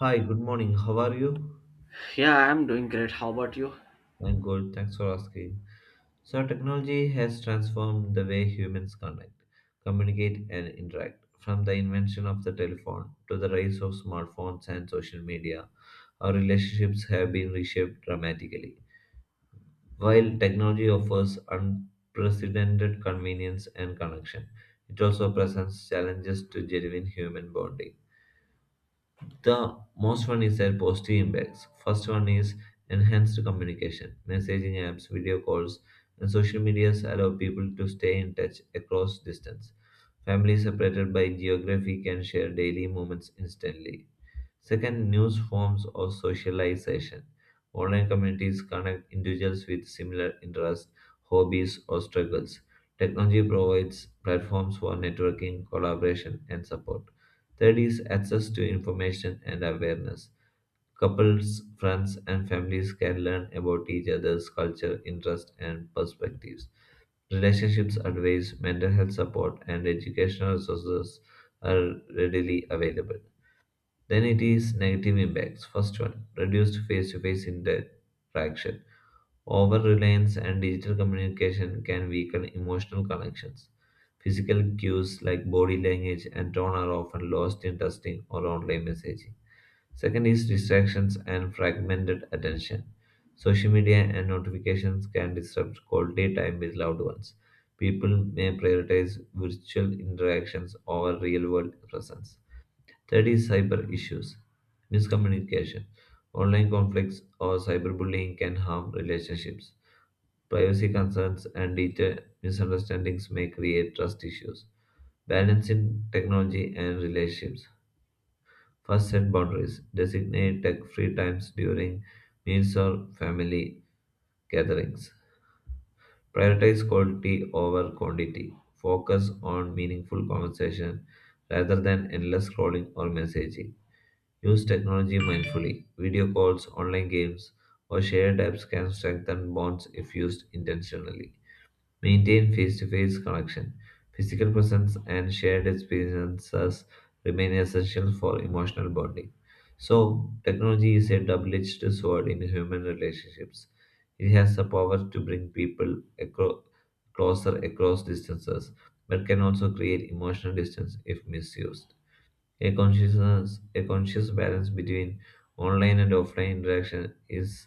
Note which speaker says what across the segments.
Speaker 1: Hi, good morning. How are you?
Speaker 2: Yeah, I'm doing great. How about you?
Speaker 1: I'm good. Thanks for asking. So, technology has transformed the way humans connect, communicate, and interact. From the invention of the telephone to the rise of smartphones and social media, our relationships have been reshaped dramatically. While technology offers unprecedented convenience and connection, it also presents challenges to genuine human bonding. The most one is their positive impacts. First one is enhanced communication. Messaging apps, video calls, and social medias allow people to stay in touch across distance. Families separated by geography can share daily moments instantly. Second, news forms of socialization. Online communities connect individuals with similar interests, hobbies, or struggles. Technology provides platforms for networking, collaboration, and support. Third is access to information and awareness. Couples, friends, and families can learn about each other's culture, interests, and perspectives. Relationships advice, mental health support, and educational resources are readily available. Then it is negative impacts. First one, reduced face-to-face interaction. Over reliance and digital communication can weaken emotional connections. Physical cues like body language and tone are often lost in texting or online messaging. Second is distractions and fragmented attention. Social media and notifications can disrupt quality time with loved ones. People may prioritize virtual interactions over real world presence. Third is cyber issues, miscommunication. Online conflicts or cyberbullying can harm relationships. Privacy concerns and digital misunderstandings may create trust issues. Balancing technology and relationships. First, set boundaries. Designate tech free times during meals or family gatherings. Prioritize quality over quantity. Focus on meaningful conversation rather than endless scrolling or messaging. Use technology mindfully. Video calls, online games, or shared apps can strengthen bonds if used intentionally. Maintain face to face connection. Physical presence and shared experiences remain essential for emotional bonding. So, technology is a double edged sword in human relationships. It has the power to bring people closer across distances, but can also create emotional distance if misused. A conscious, a conscious balance between online and offline interaction is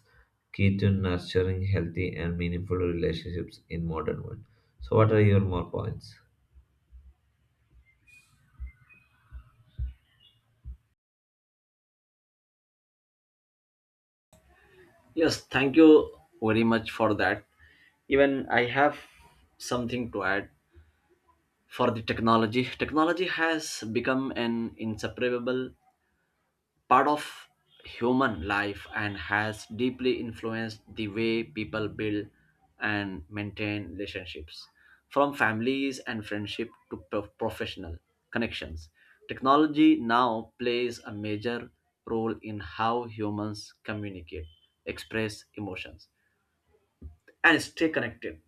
Speaker 1: key to nurturing healthy and meaningful relationships in modern world. So, what are your more points?
Speaker 2: Yes, thank you very much for that. Even I have something to add for the technology. Technology has become an inseparable part of human life and has deeply influenced the way people build and maintain relationships, from families and friendship to professional connections. Technology now plays a major role in how humans communicate, express emotions, and stay connected.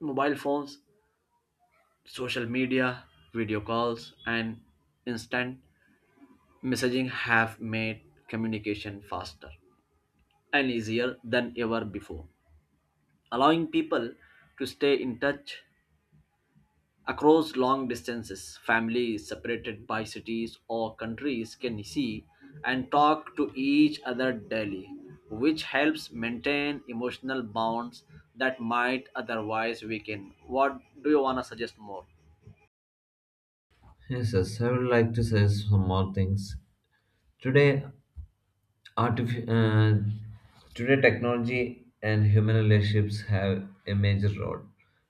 Speaker 2: Mobile phones, social media, video calls, and instant messaging have made communication faster and easier than ever before, allowing people to stay in touch across long distances. Families separated by cities or countries can see and talk to each other daily, which helps maintain emotional bonds that might otherwise weaken. What do you want to suggest more?
Speaker 1: Yes, yes, I would like to say some more things. Today, Artif- uh, today, technology and human relationships have a major role.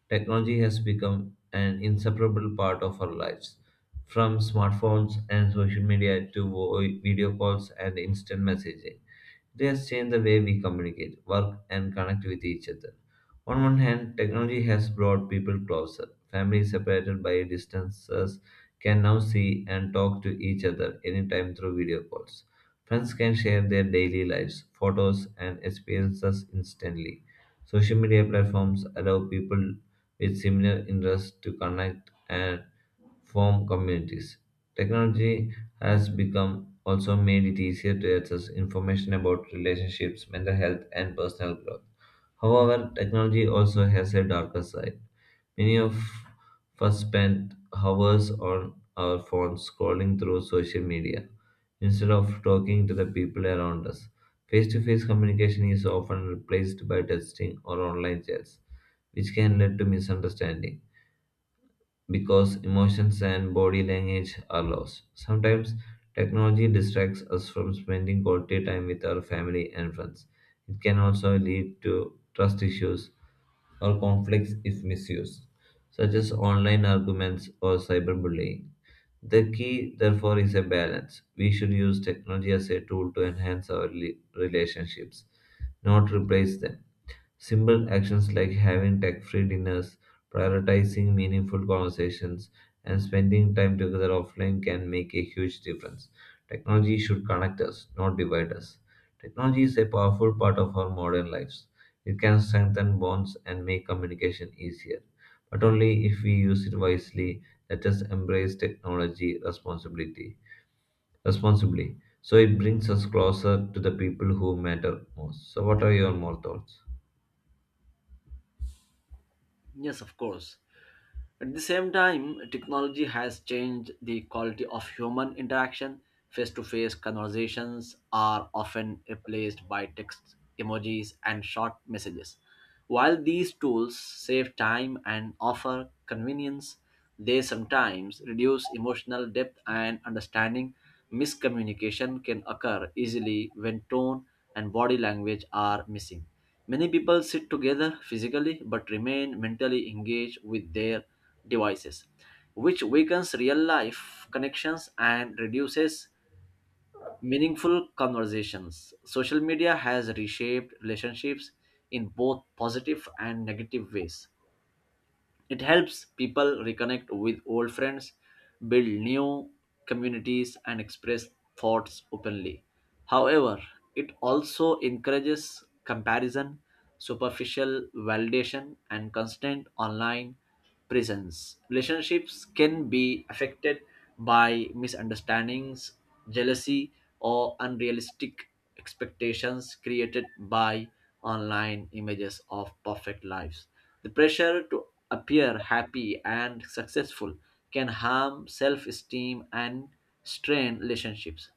Speaker 1: Technology has become an inseparable part of our lives. From smartphones and social media to video calls and instant messaging, it has changed the way we communicate, work, and connect with each other. On one hand, technology has brought people closer. Families separated by distances can now see and talk to each other anytime through video calls. Friends can share their daily lives, photos, and experiences instantly. Social media platforms allow people with similar interests to connect and form communities. Technology has become also made it easier to access information about relationships, mental health, and personal growth. However, technology also has a darker side. Many of us spend hours on our phones scrolling through social media instead of talking to the people around us. Face to face communication is often replaced by texting or online chats which can lead to misunderstanding because emotions and body language are lost. Sometimes technology distracts us from spending quality time with our family and friends. It can also lead to trust issues or conflicts if misused, such as online arguments or cyberbullying. The key, therefore, is a balance. We should use technology as a tool to enhance our relationships, not replace them. Simple actions like having tech free dinners, prioritizing meaningful conversations, and spending time together offline can make a huge difference. Technology should connect us, not divide us. Technology is a powerful part of our modern lives. It can strengthen bonds and make communication easier, but only if we use it wisely. Let us embrace technology responsibility responsibly so it brings us closer to the people who matter most. So, what are your more thoughts?
Speaker 2: Yes, of course. At the same time, technology has changed the quality of human interaction. Face to face conversations are often replaced by text, emojis, and short messages. While these tools save time and offer convenience, they sometimes reduce emotional depth and understanding. Miscommunication can occur easily when tone and body language are missing. Many people sit together physically but remain mentally engaged with their devices, which weakens real life connections and reduces meaningful conversations. Social media has reshaped relationships in both positive and negative ways. It helps people reconnect with old friends, build new communities, and express thoughts openly. However, it also encourages comparison, superficial validation, and constant online presence. Relationships can be affected by misunderstandings, jealousy, or unrealistic expectations created by online images of perfect lives. The pressure to appear happy and successful can harm self esteem and strain relationships.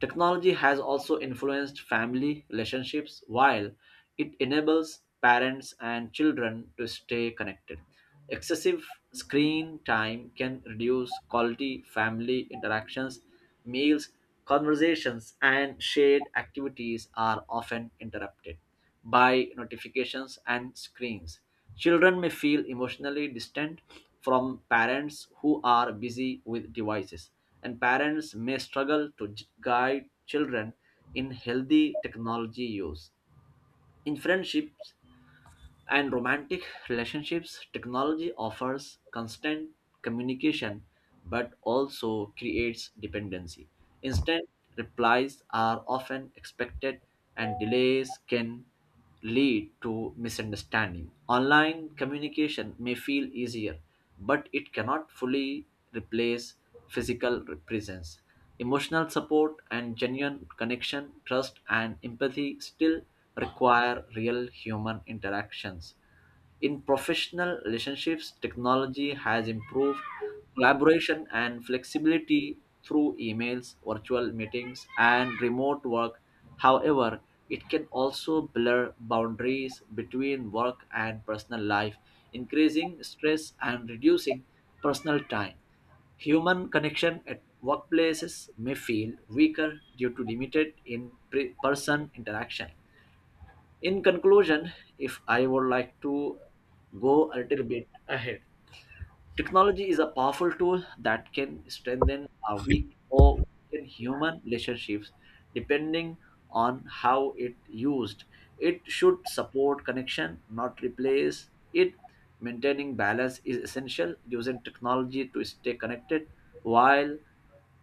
Speaker 2: Technology has also influenced family relationships while it enables parents and children to stay connected. Excessive screen time can reduce quality family interactions. Meals, conversations, and shared activities are often interrupted by notifications and screens. Children may feel emotionally distant from parents who are busy with devices, and parents may struggle to guide children in healthy technology use. In friendships and romantic relationships, technology offers constant communication but also creates dependency. Instant replies are often expected, and delays can lead to misunderstanding. Online communication may feel easier, but it cannot fully replace physical presence. Emotional support and genuine connection, trust, and empathy still require real human interactions. In professional relationships, technology has improved collaboration and flexibility through emails, virtual meetings, and remote work. However, it can also blur boundaries between work and personal life, increasing stress and reducing personal time. Human connection at workplaces may feel weaker due to limited in person interaction. In conclusion, if I would like to go a little bit ahead, technology is a powerful tool that can strengthen our weak or weaken human relationships depending on how it used. It should support connection, not replace it. Maintaining balance is essential, using technology to stay connected while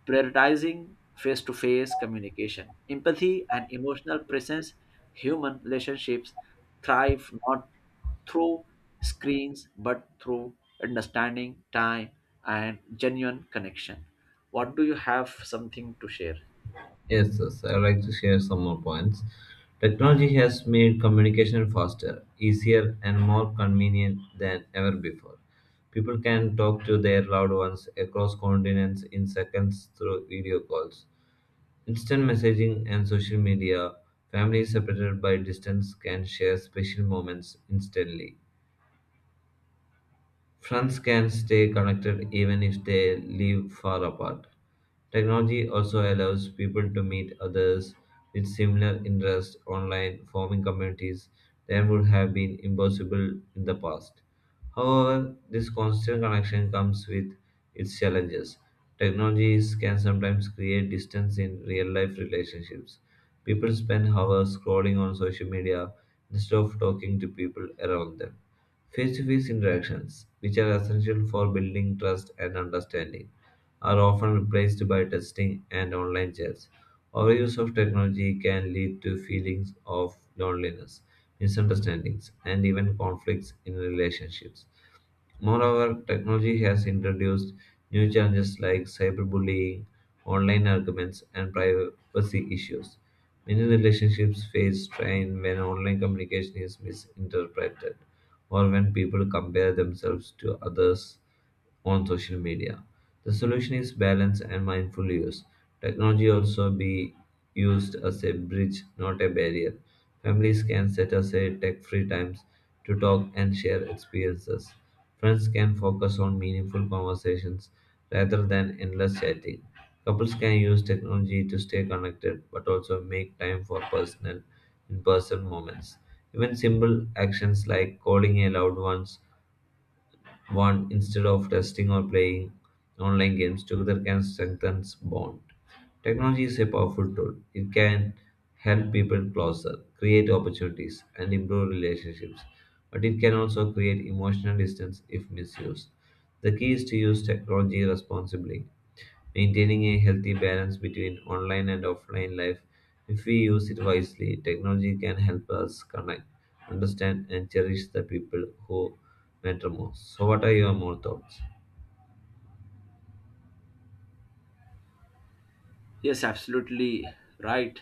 Speaker 2: prioritizing face to face communication. Empathy and emotional presence, human relationships thrive not through screens but through understanding, time, and genuine connection. What do you have something to share?
Speaker 1: Yes, yes, I'd like to share some more points. Technology has made communication faster, easier, and more convenient than ever before. People can talk to their loved ones across continents in seconds through video calls. Instant messaging and social media, families separated by distance can share special moments instantly. Friends can stay connected even if they live far apart. Technology also allows people to meet others with similar interests online, forming communities that would have been impossible in the past. However, this constant connection comes with its challenges. Technologies can sometimes create distance in real life relationships. People spend hours scrolling on social media instead of talking to people around them. Face to face interactions, which are essential for building trust and understanding, are often replaced by texting and online chats. Overuse of technology can lead to feelings of loneliness, misunderstandings, and even conflicts in relationships. Moreover, technology has introduced new challenges like cyberbullying, online arguments, and privacy issues. Many relationships face strain when online communication is misinterpreted or when people compare themselves to others on social media. The solution is balance and mindful use. Technology also be used as a bridge, not a barrier. Families can set aside tech-free times to talk and share experiences. Friends can focus on meaningful conversations rather than endless chatting. Couples can use technology to stay connected but also make time for personal in-person moments. Even simple actions like calling a loved one instead of testing or playing online games together can strengthen bond. Technology is a powerful tool. It can help people closer, create opportunities, and improve relationships. But it can also create emotional distance if misused. The key is to use technology responsibly maintaining a healthy balance between online and offline life. If we use it wisely, technology can help us connect, understand, and cherish the people who matter most. So, what are your more thoughts?
Speaker 2: Yes, absolutely right.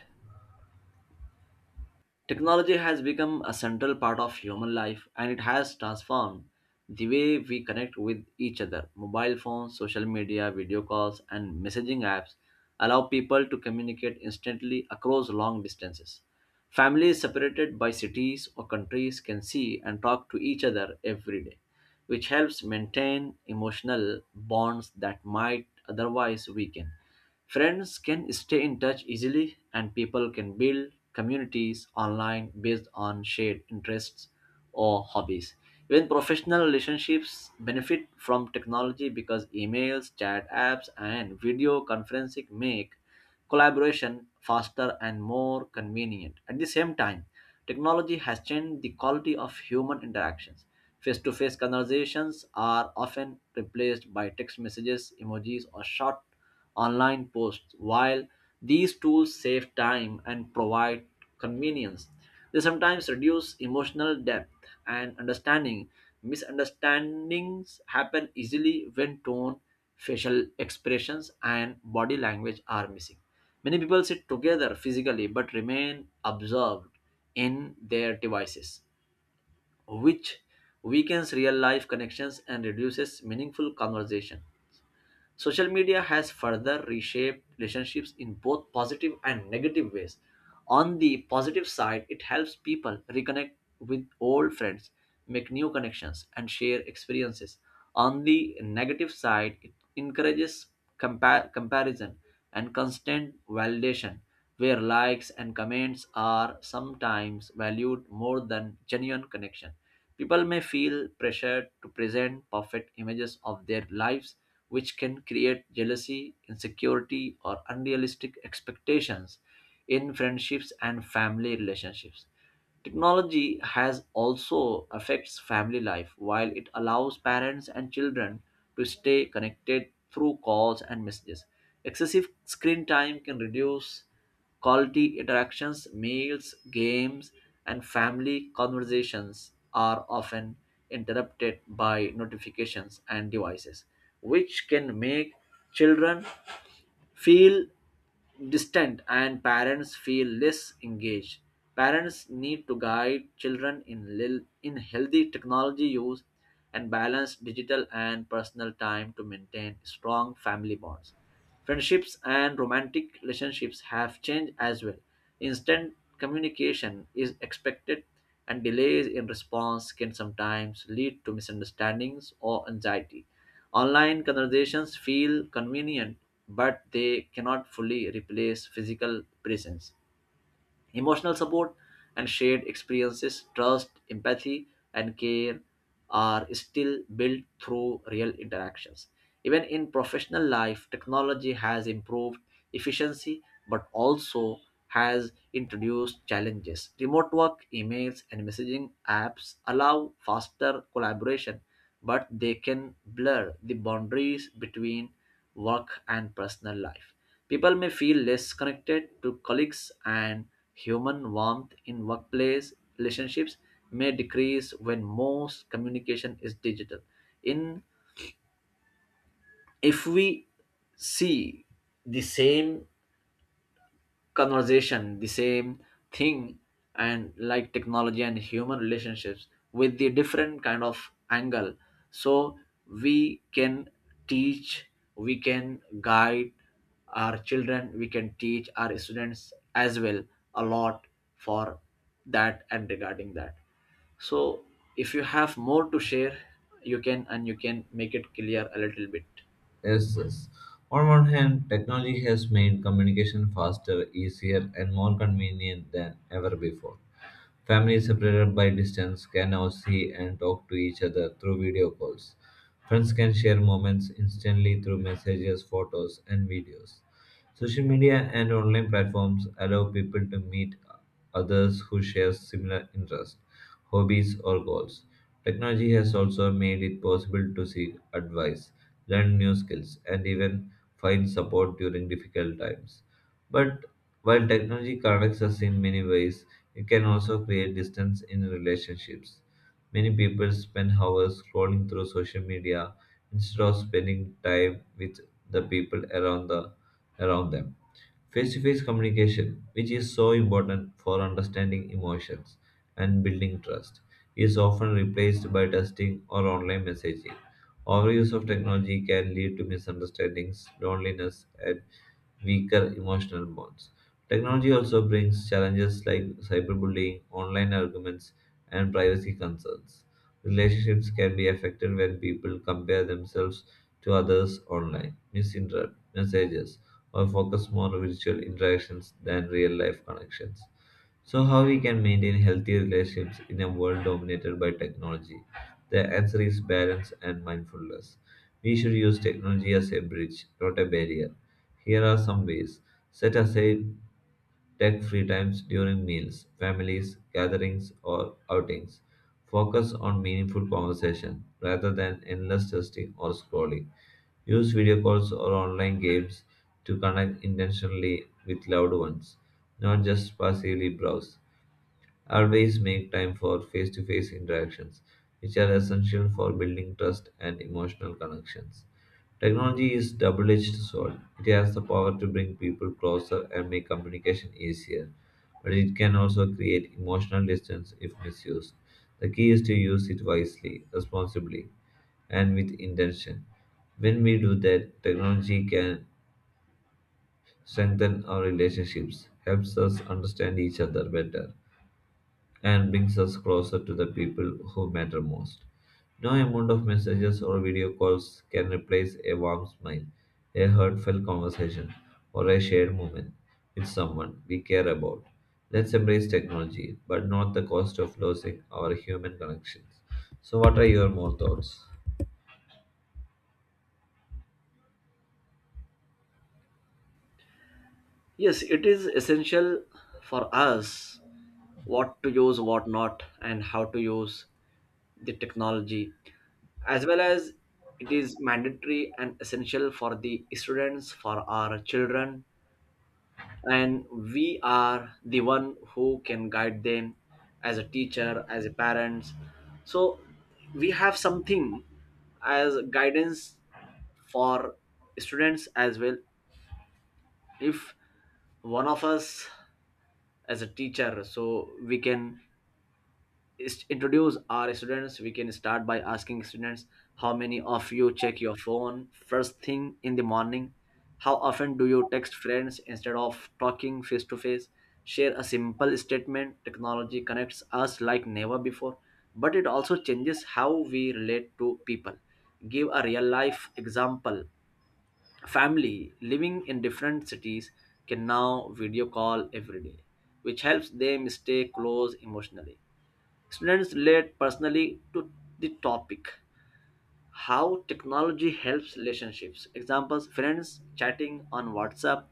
Speaker 2: Technology has become a central part of human life, and it has transformed the way we connect with each other. Mobile phones, social media, video calls, and messaging apps allow people to communicate instantly across long distances. Families separated by cities or countries can see and talk to each other every day, which helps maintain emotional bonds that might otherwise weaken. Friends can stay in touch easily, and people can build communities online based on shared interests or hobbies. Even professional relationships benefit from technology because emails, chat apps, and video conferencing make collaboration faster and more convenient. At the same time, technology has changed the quality of human interactions. Face to face conversations are often replaced by text messages, emojis, or short online posts. While these tools save time and provide convenience, they sometimes reduce emotional depth and understanding. Misunderstandings happen easily when tone, facial expressions, and body language are missing. Many people sit together physically but remain absorbed in their devices, which weakens real life connections and reduces meaningful conversation. Social media has further reshaped relationships in both positive and negative ways. On the positive side, it helps people reconnect with old friends, make new connections, and share experiences. On the negative side, it encourages comparison and constant validation, where likes and comments are sometimes valued more than genuine connection. People may feel pressured to present perfect images of their lives, which can create jealousy, insecurity, or unrealistic expectations in friendships and family relationships. Technology has also affects family life while it allows parents and children to stay connected through calls and messages. Excessive screen time can reduce quality interactions. Meals, games, and family conversations are often interrupted by notifications and devices, which can make children feel distant and parents feel less engaged. Parents need to guide children in healthy technology use, and balance digital and personal time to maintain strong family bonds. Friendships and romantic relationships have changed as well. Instant communication is expected, and delays in response can sometimes lead to misunderstandings or anxiety. Online conversations feel convenient, but they cannot fully replace physical presence. Emotional support and shared experiences, trust, empathy, and care are still built through real interactions. Even in professional life, technology has improved efficiency but also has introduced challenges. Remote work, emails, and messaging apps allow faster collaboration, but they can blur the boundaries between work and personal life. People may feel less connected to colleagues, and human warmth in workplace relationships may decrease when most communication is digital. In if we see the same conversation, the same thing, and like technology and human relationships with the different kind of angle, so we can teach, we can guide our children, we can teach our students as well, a lot, for that and regarding that. So if you have more to share, you can, and you can make it clear a little bit.
Speaker 1: Yes, yes. On one hand, technology has made communication faster, easier, and more convenient than ever before. Families separated by distance can now see and talk to each other through video calls. Friends can share moments instantly through messages, photos, and videos. Social media and online platforms allow people to meet others who share similar interests, hobbies, or goals. Technology has also made it possible to seek advice, learn new skills, and even find support during difficult times. But while technology connects us in many ways, it can also create distance in relationships. Many people spend hours scrolling through social media instead of spending time with the people around the around them. Face-to-face communication, which is so important for understanding emotions and building trust, is often replaced by texting or online messaging. Overuse of technology can lead to misunderstandings, loneliness, and weaker emotional bonds. Technology also brings challenges like cyberbullying, online arguments, and privacy concerns. Relationships can be affected when people compare themselves to others online, misinterpret messages, or focus more on virtual interactions than real life connections. So, how we can maintain healthy relationships in a world dominated by technology? The answer is balance and mindfulness. We should use technology as a bridge, not a barrier. Here are some ways. Set aside tech free times during meals, families, gatherings, or outings. Focus on meaningful conversation rather than endless testing or scrolling. Use video calls or online games to connect intentionally with loved ones, not just passively browse. Always make time for face to face interactions, which are essential for building trust and emotional connections. Technology is double edged sword. It has the power to bring people closer and make communication easier, but it can also create emotional distance if misused. The key is to use it wisely, responsibly, and with intention. When we do that, technology can strengthen our relationships, helps us understand each other better and brings us closer to the people who matter most. No amount of messages or video calls can replace a warm smile, a heartfelt conversation, or a shared moment with someone we care about. Let's embrace technology, but not the cost of losing our human connections. So, what are your more thoughts?
Speaker 2: Yes, it is essential for us what to use, what not, and how to use the technology, as well as it is mandatory and essential for the students, for our children, and we are the one who can guide them as a teacher, as a parents. So we have something as guidance for students as well. If one of us as a teacher, so we can introduce our students. We can start by asking students, how many of you check your phone first thing in the morning? How often do you text friends instead of talking face to face? Share a simple statement: technology connects us like never before, but it also changes how we relate to people. Give a real life example: family living in different cities can now video call every day, which helps them stay close emotionally. Students relate personally to the topic. How technology helps relationships: examples, friends chatting on WhatsApp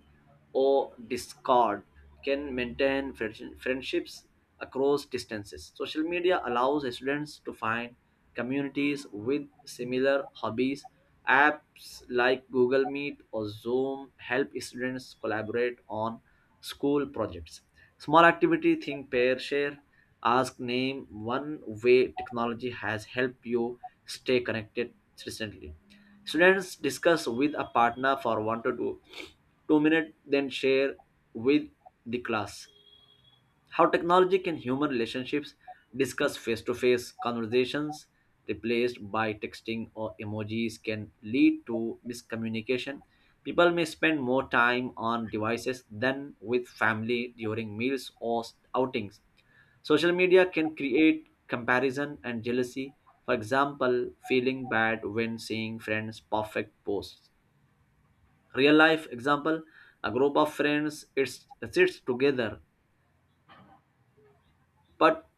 Speaker 2: or Discord can maintain friendships across distances. Social media allows students to find communities with similar hobbies. Apps like Google Meet or Zoom help students collaborate on school projects. Small activity: think pair share. Ask: name one way technology has helped you stay connected recently. Students discuss with a partner for 2 minutes, then share with the class. How technology can human relationships, discuss face-to-face conversations replaced by texting or emojis, can lead to miscommunication. People may spend more time on devices than with family during meals or outings. Social media can create comparison and jealousy, for example feeling bad when seeing friends perfect posts. Real life example: a group of friends sits together, but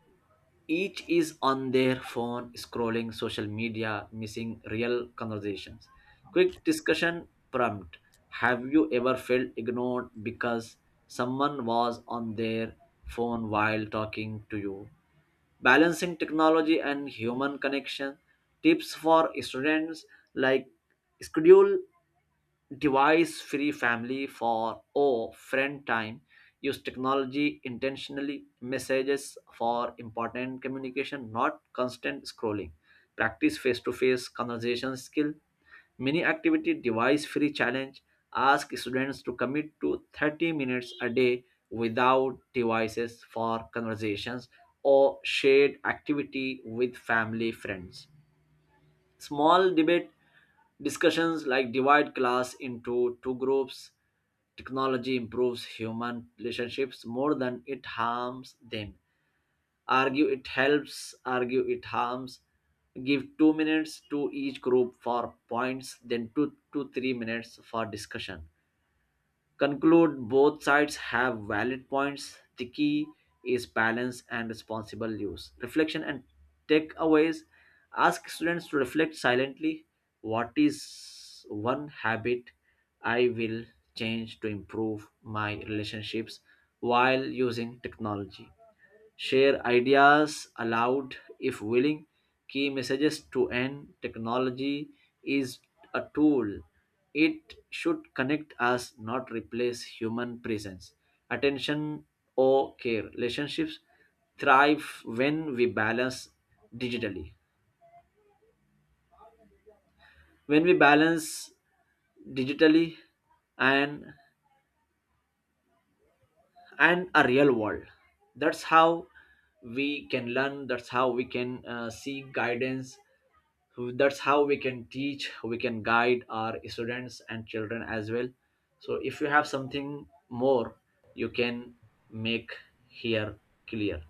Speaker 2: each is on their phone scrolling social media, missing real conversations. Quick discussion prompt: have you ever felt ignored because someone was on their phone while talking to you? Balancing technology and human connection, tips for students, like schedule device free family for or friend time. Use technology intentionally, messages for important communication, not constant scrolling. Practice face to face conversation skill. Mini activity: device free challenge. Ask students to commit to 30 minutes a day without devices for conversations or shared activity with family friends. Small debate discussions, like divide class into two groups. Technology improves human relationships more than it harms them. Argue it helps, argue it harms. Give 2 minutes to each group for points, then 2 to 3 minutes for discussion. Conclude both sides have valid points. The key is balance and responsible use. Reflection and takeaways: ask students to reflect silently, what is one habit I will change to improve my relationships while using technology? Share ideas aloud if willing. Key messages to end: technology is a tool. It should connect us, not replace human presence. Attention or care. Relationships thrive when we balance digitally. When we balance digitally and and a real world. That's how we can learn. That's how we can seek guidance, so that's how we can teach, we can guide our students and children as well. So if you have something more, you can make here clear.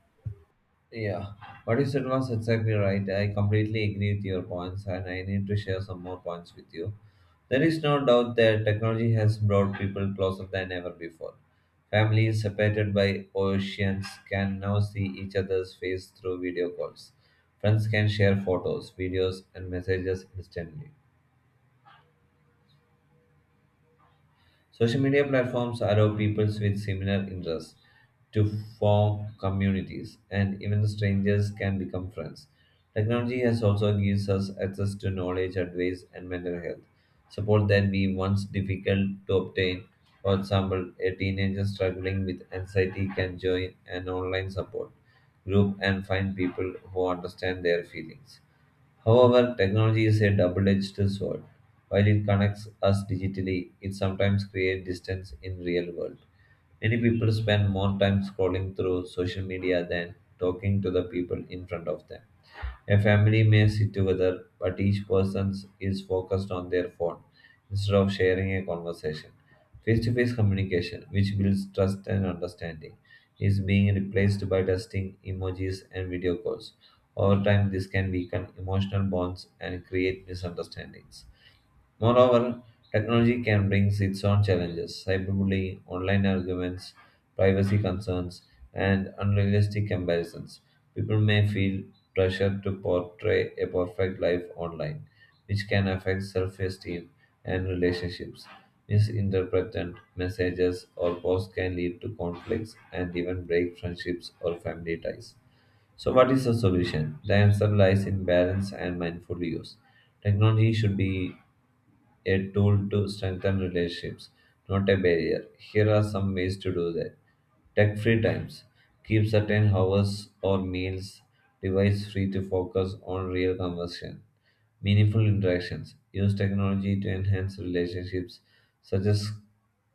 Speaker 1: Yeah, what you said was exactly right. I completely agree with your points, and I need to share some more points with you. There is no doubt that technology has brought people closer than ever before. Families separated by oceans can now see each other's face through video calls. Friends can share photos, videos, and messages instantly. Social media platforms allow people with similar interests to form communities, and even strangers can become friends. Technology has also gives us access to knowledge, advice, and mental health support that we once difficult to obtain. For example, a teenager struggling with anxiety can join an online support group and find people who understand their feelings. However, technology is a double edged sword. While it connects us digitally, it sometimes creates distance in real world. Many people spend more time scrolling through social media than talking to the people in front of them. A family may sit together, but each person is focused on their phone instead of sharing a conversation. Face to face communication, which builds trust and understanding, is being replaced by texting, emojis, and video calls. Over time, this can weaken emotional bonds and create misunderstandings. Moreover, technology can bring its own challenges. Cyberbullying, online arguments, privacy concerns, and unrealistic comparisons. People may feel pressure to portray a perfect life online, which can affect self esteem and relationships. Misinterpreted messages or posts can lead to conflicts and even break friendships or family ties. So, what is the solution? The answer lies in balance and mindful use. Technology should be a tool to strengthen relationships, not a barrier. Here are some ways to do that. Tech free times. Keep certain hours or meals device free to focus on real conversation. Meaningful interactions. Use technology to enhance relationships, such as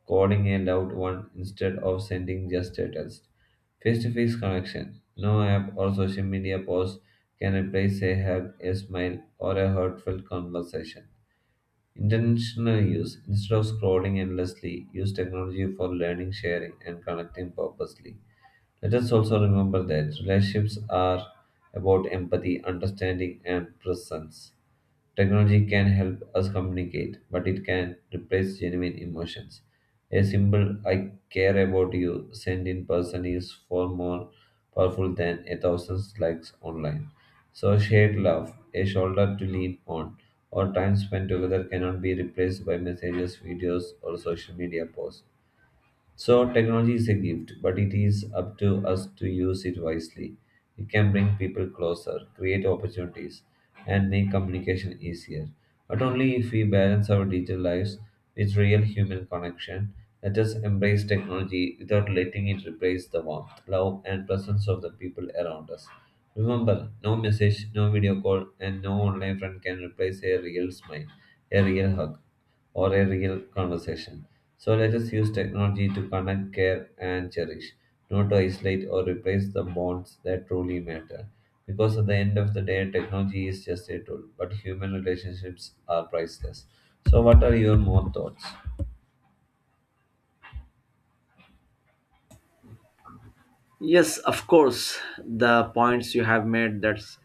Speaker 1: calling a loved one instead of sending just a text. Face to face connection. No app or social media post can replace a hug, a smile, or a heartfelt conversation. Intentional use. Instead of scrolling endlessly, use technology for learning, sharing, and connecting purposely. Let us also remember that relationships are about empathy, understanding, and presence. Technology can help us communicate, but it can replace genuine emotions. A simple I care about you sent in person is far more powerful than a thousand likes online. So shared love, a shoulder to lean on, or time spent together cannot be replaced by messages, videos, or social media posts. So, technology is a gift, but it is up to us to use it wisely. It can bring people closer, create opportunities, and make communication easier. But only if we balance our digital lives with real human connection. Let us embrace technology without letting it replace the warmth, love, and presence of the people around us. Remember, no message, no video call, and no online friend can replace a real smile, a real hug or a real conversation. So let us use technology to connect, care, and cherish, not to isolate or replace the bonds that truly matter. Because at the end of the day, technology is just a tool, but human relationships are priceless. So, what are your more thoughts?
Speaker 2: Yes, of course, the points you have made, that's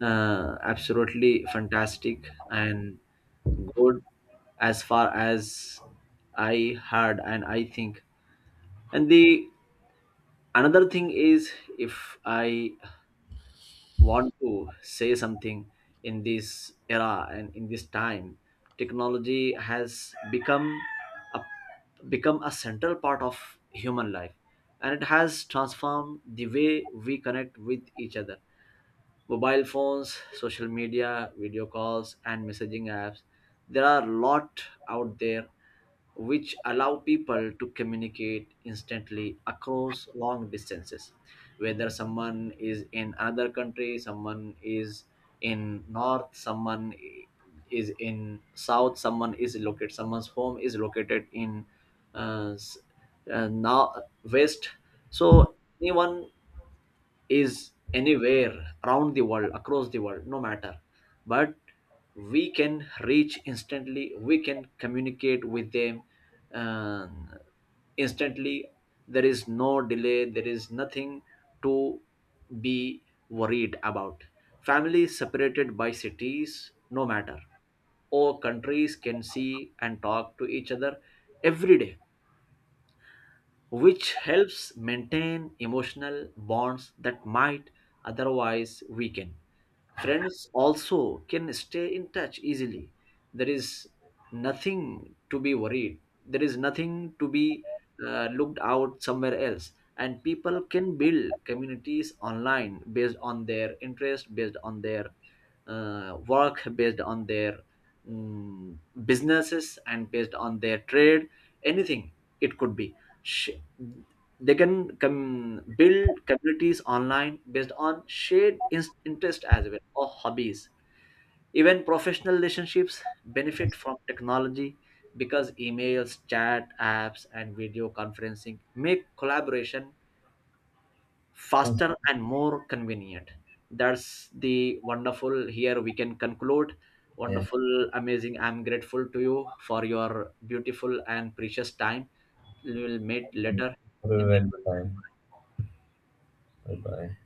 Speaker 2: absolutely fantastic and good, as far as I heard and I think. And the another thing is, if I want to say something, in this era and in this time, technology has become a a central part of human life, and it has transformed the way we connect with each other. Mobile phones, social media, video calls, and messaging apps. There are a lot out there which allow people to communicate instantly across long distances, whether someone is in another country, someone is in north, is in south, someone is located, someone's home is located in uh, s- now west. So anyone is anywhere around the world, across the world, no matter. But we can reach instantly, we can communicate with them um, instantly. There is no delay, there is nothing to be worried about. Families separated by cities, no matter, or countries can see and talk to each other every day, which helps maintain emotional bonds that might otherwise weaken. Friends also can stay in touch easily. There is nothing to be worried, there is nothing to be looked out somewhere else. And people can build communities online based on their interest, based on their work, based on their mm, businesses, and based on their trade, anything it could be. sh- they can build communities online based on shared interest as well, or hobbies. Even professional relationships
Speaker 1: Yes,
Speaker 2: benefit from technology because emails, chat apps, and video conferencing make collaboration
Speaker 1: yes,
Speaker 2: faster and more convenient. That's the wonderful. Here we can conclude.
Speaker 1: yes.
Speaker 2: Wonderful, amazing. I'm grateful to you for your beautiful and precious time. We will meet later
Speaker 1: Have a
Speaker 2: in
Speaker 1: very good time.
Speaker 2: the
Speaker 1: Bye bye.